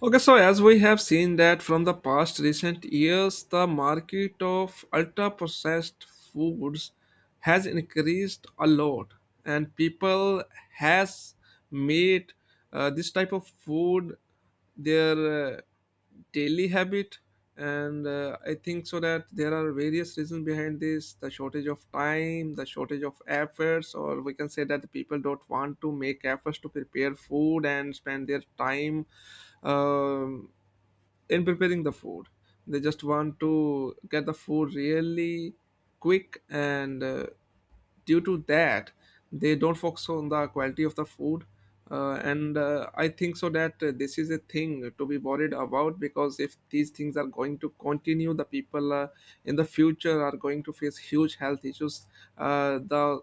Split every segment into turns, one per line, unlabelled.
Okay, so as we have seen that from the past recent years, the market of ultra processed foods has increased a lot, and people has made this type of food their daily habit, and I think so that there are various reasons behind this: the shortage of time, the shortage of efforts, or we can say that the people don't want to make efforts to prepare food and spend their time um, in preparing the food. They just want to get the food really quick, and due to that they don't focus on the quality of the food. Uh, and uh, i think so that this is a thing to be worried about, because if these things are going to continue, the people in the future are going to face huge health issues. The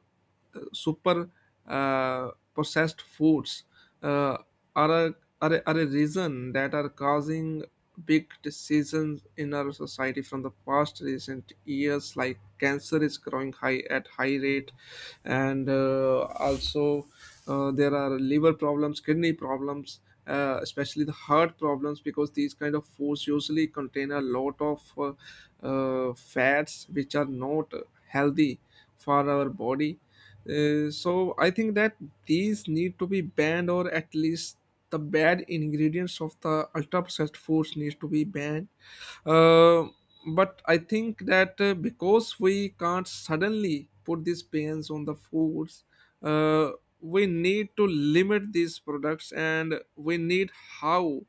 super processed foods uh, are, a, are a reason that are causing big decisions in our society from the past recent years. Like cancer is growing high at high rate, and also there are liver problems, kidney problems, especially the heart problems, because these kind of foods usually contain a lot of fats which are not healthy for our body. So I think that these need to be banned, or at least the bad ingredients of the ultra processed foods needs to be banned. Uh, but i think that because we can't suddenly put these bans on the foods, uh, we need to limit these products, and we need how,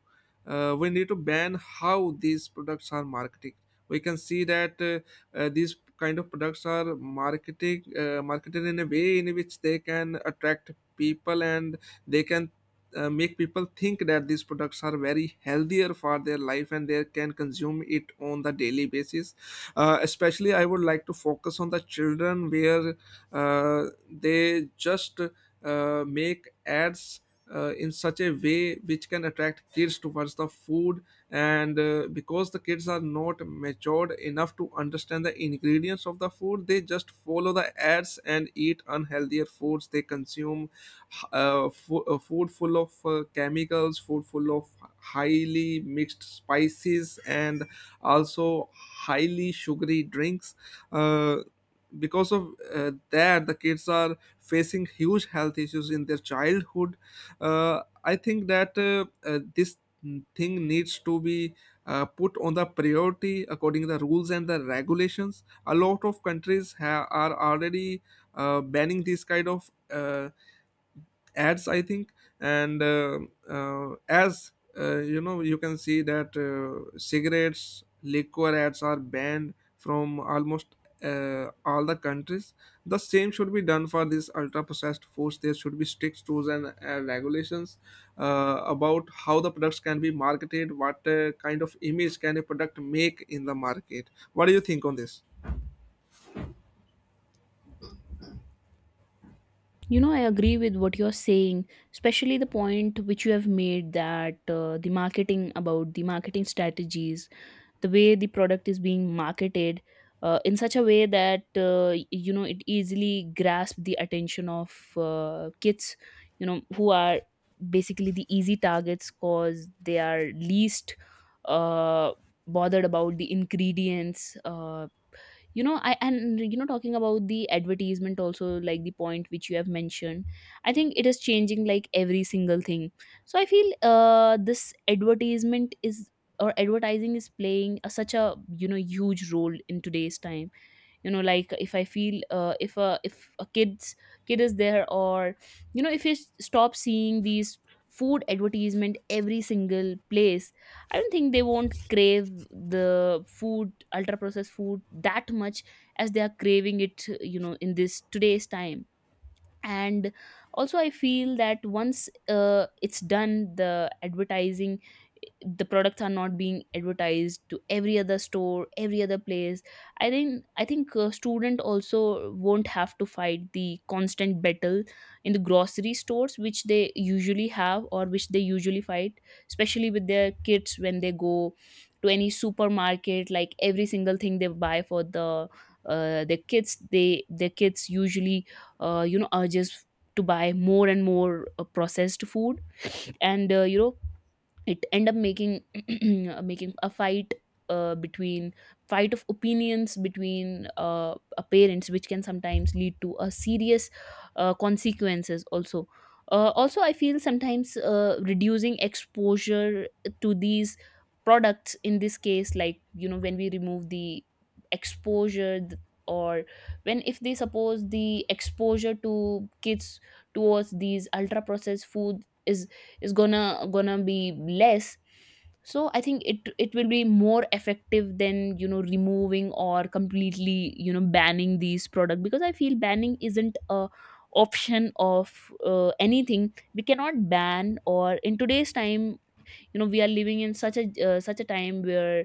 we need to ban how these products are marketed. We can see that these kind of products are marketing marketed in a way in which they can attract people, and they can make people think that these products are very healthier for their life and they can consume it on the daily basis. Especially I would like to focus on the children, where they just make ads in such a way which can attract kids towards the food. And because the kids are not matured enough to understand the ingredients of the food, they just follow the ads and eat unhealthier foods. They consume food full of chemicals, food full of highly mixed spices, and also highly sugary drinks, uh, because of that the kids are facing huge health issues in their childhood. I think that this thing needs to be put on the priority. According to the rules and the regulations, a lot of countries are already banning these kind of ads, I think. And uh, uh, as uh, you know, you can see that cigarettes, liquor ads are banned from almost all the countries. The same should be done for these ultra processed foods. There should be strict rules and regulations about how the products can be marketed, what kind of image can a product make in the market. What do you think on this?
You know, I agree with what you're saying, especially the point which you have made that the marketing about the marketing strategies, the way the product is being marketed in such a way that, you know, it easily grasps the attention of kids, you know, who are basically the easy targets because they are least uh, bothered about the ingredients. You know I and you know talking about the advertisement, also like the point which you have mentioned, I think it is changing like every single thing. So I feel this advertisement is or advertising is playing a, such a, you know, huge role in today's time, you know. Like if I feel, if a kid's kid is there, or you know, if you stop seeing these food advertisement every single place, I don't think they won't crave the food, ultra processed food, that much as they are craving it, you know, in this today's time. And also I feel that once it's done, the advertising, the products are not being advertised to every other store, every other place, I think student also won't have to fight the constant battle in the grocery stores which they usually have or which they usually fight, especially with their kids when they go to any supermarket. Like every single thing they buy for the kids, they, the kids usually urges to buy more and more processed food. And it end up making making a fight between, fight of opinions between parents, which can sometimes lead to a serious consequences also. Also I feel sometimes reducing exposure to these products in this case, like when we remove the exposure th- or when, if they, suppose the exposure to kids towards these ultra processed food is gonna be less, so I think it it will be more effective than, removing or completely, banning these products, because I feel banning isn't a option of anything. We cannot ban or in today's time, you know, we are living in such a such a time where,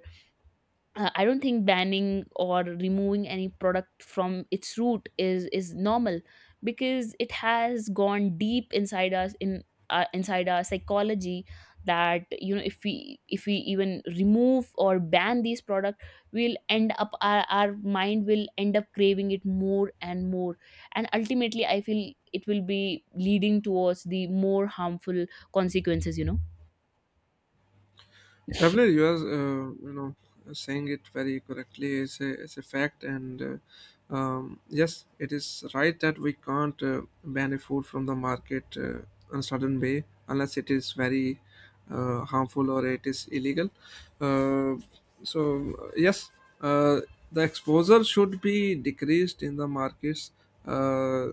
I don't think banning or removing any product from its root is normal, because it has gone deep inside us in inside our psychology. That you know, if we even remove or ban these product, we'll end up, our mind will end up craving it more and more, and ultimately I feel it will be leading towards the more harmful consequences, you know.
Definitely, you are saying it very correctly. Is a fact. And yes, it is right that we can't ban a food from the market on a certain way unless it is very harmful or it is illegal. Uh, so uh, yes, uh, the exposure should be decreased in the markets. uh,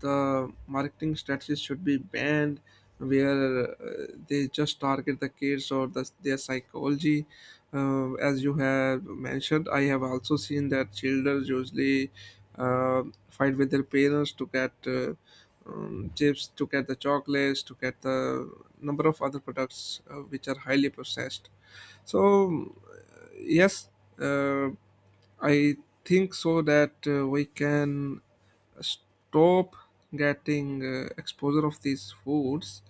the marketing strategies should be banned, where they just target the kids or their psychology. As you have mentioned, I have also seen that children usually uh, fight with their parents to get chips, to get the chocolates, to get the number of other products which are highly processed. So, yes, uh, I think so that we can stop getting exposure of these foods.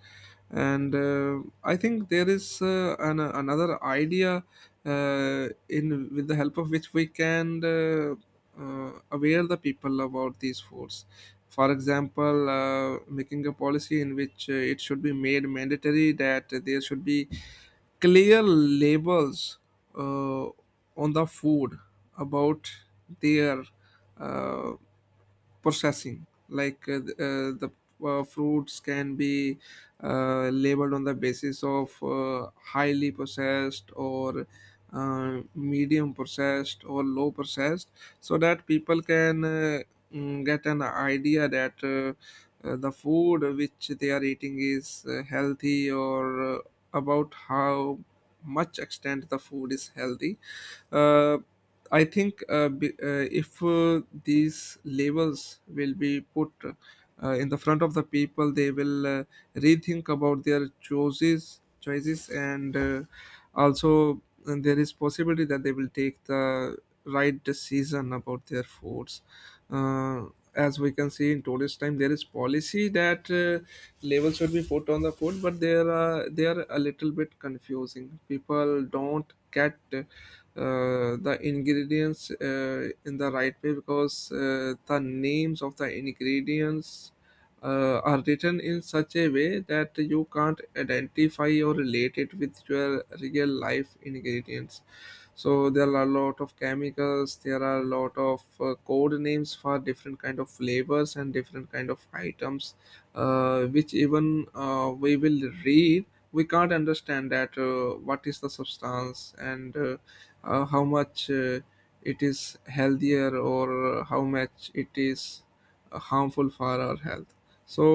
And I think there is another idea in with the help of which we can aware the people about these foods. For example, making a policy in which it should be made mandatory that there should be clear labels uh, on the food about their uh, processing. Like the fruits can be labeled on the basis of highly processed, or medium processed, or low processed, so that people can get an idea that the food which they are eating is healthy, or about how much extent the food is healthy. uh, I think if these labels will be put in the front of the people, they will rethink about their choices, and also, and there is possibility that they will take the right decision about their foods. uh, as we can see, in today's time there is policy that labels should be put on the food, but they are a little bit confusing. People don't get the ingredients in the right way, because the names of the ingredients are written in such a way that you can't identify or relate it with your real life ingredients. So there are a lot of chemicals, there are a lot of code names for different kind of flavors and different kind of items which, even we will read, we can't understand that what is the substance, and how much it is healthier or how much it is harmful for our health. So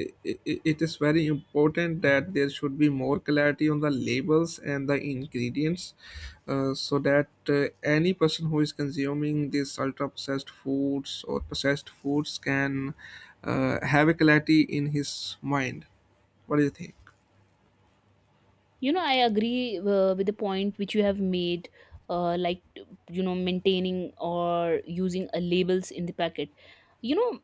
i- it is very important that there should be more clarity on the labels and the ingredients, so that uh, any person who is consuming these ultra processed foods or processed foods can have a clarity in his mind. What do you think?
You know, I agree with the point which you have made, like, you know, maintaining or using a labels in the packet. You know,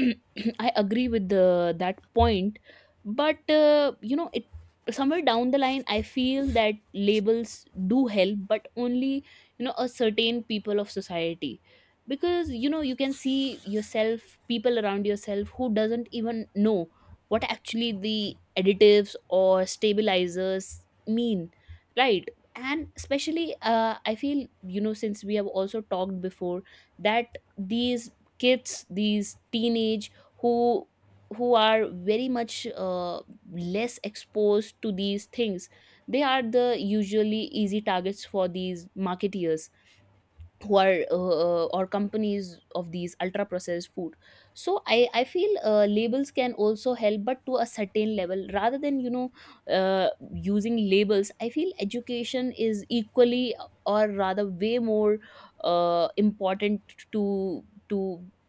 I agree with that point, but, you know, it somewhere down the line, I feel that labels do help, but only, you know, a certain people of society, because you know, you can see yourself, people around yourself who doesn't even know what actually the additives or stabilizers mean, right? And especially I feel, you know, since we have also talked before that these kids, these teenage, who are very much less exposed to these things, they are the usually easy targets for these marketeers who are or companies of these ultra processed food. So I feel labels can also help, but to a certain level. Rather than, you know, uh, using labels, I feel education is equally or rather way more important to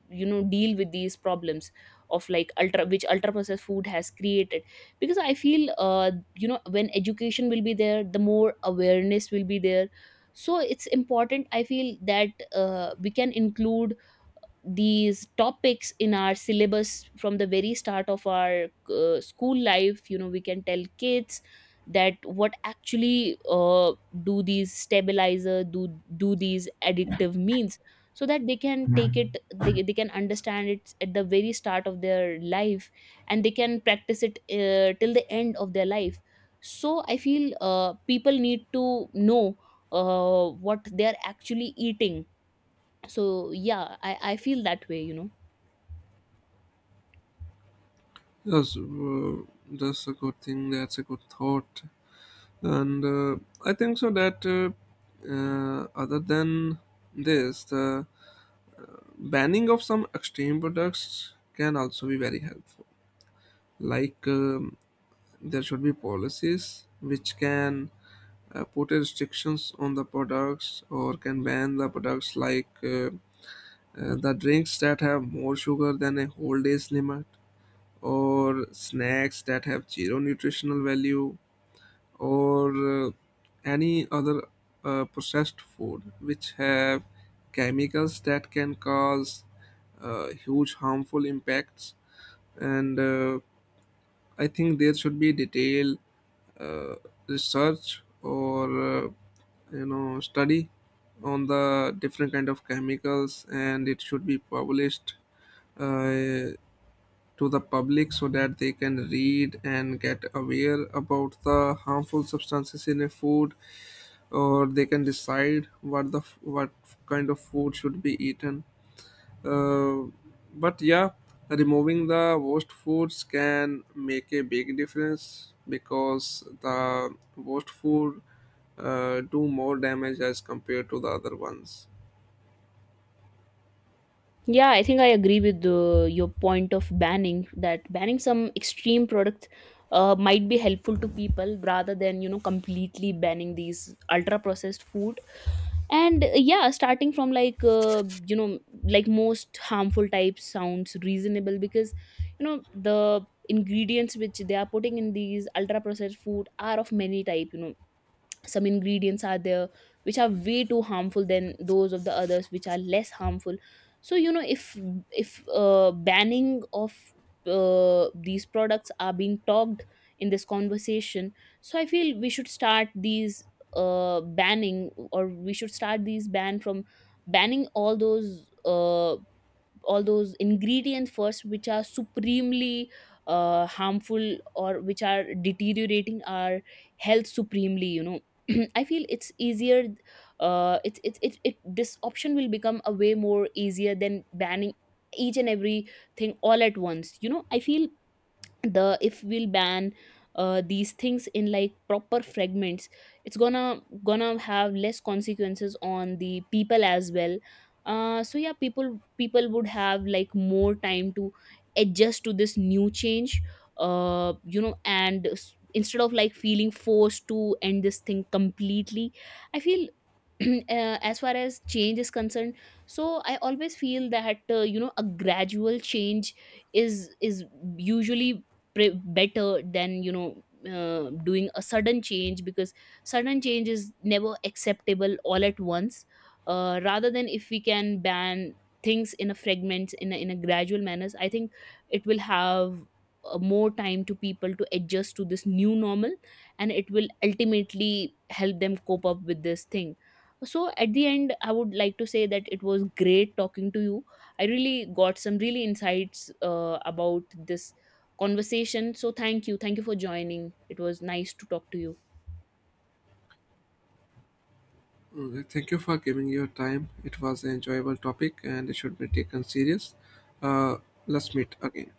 you know, deal with these problems of like ultra, which ultra processed food has created, because I feel, when education will be there, the more awareness will be there. So it's important, I feel that we can include these topics in our syllabus from the very start of our school life. You know, we can tell kids that what actually do these stabilizer do, these additive means, so that they can take it, they can understand it at the very start of their life, and they can practice it till the end of their life. So I feel people need to know what they are actually eating. So yeah, I feel that way, you know.
Yes, that's a good thing. That's a good thought, and I think so that other than this, the banning of some extreme products can also be very helpful. Like, there should be policies which can put restrictions on the products or can ban the products. Like the drinks that have more sugar than a whole day's limit, or snacks that have zero nutritional value, or any other processed food which have chemicals that can cause huge harmful impacts. And I think there should be detailed uh, research, or you know, study on the different kind of chemicals, and it should be published uh, to the public, so that they can read and get aware about the harmful substances in a food, or they can decide what what kind of food should be eaten. uh, but yeah, removing the worst foods can make a big difference, because the worst food do more damage as compared to the other ones.
Yeah, I think I agree with your point of banning, that banning some extreme products might be helpful to people rather than, you know, completely banning these ultra processed food. And yeah, starting from like, like most harmful types sounds reasonable, because you know the ingredients which they are putting in these ultra processed food are of many type, you know. Some ingredients are there which are way too harmful than those of the others which are less harmful. So you know, if banning of these products are being talked in this conversation, so I feel we should start these banning, or we should start these ban from banning all those ingredients first which are supremely harmful, or which are deteriorating our health supremely, you know. I feel it's easier, it's it, it this option will become a way more easier than banning each and every thing all at once. You know, I feel the, if we'll ban these things in like proper fragments, it's gonna have less consequences on the people as well. So yeah, people would have like more time to adjust to this new change. You know, and instead of like feeling forced to end this thing completely, I feel uh, as far as change is concerned, so I always feel that, a gradual change is usually better than, you know, doing a sudden change, because sudden change is never acceptable all at once. Rather than, if we can ban things in a fragments, in in a gradual manners, I think it will have more time to people to adjust to this new normal, and it will ultimately help them cope up with this thing. So at the end, I would like to say that it was great talking to you. I really got some really insights about this conversation. So thank you, for joining. It was nice to talk to you.
Okay, thank you for giving your time. It was an enjoyable topic, and it should be taken serious. uh, let's meet again.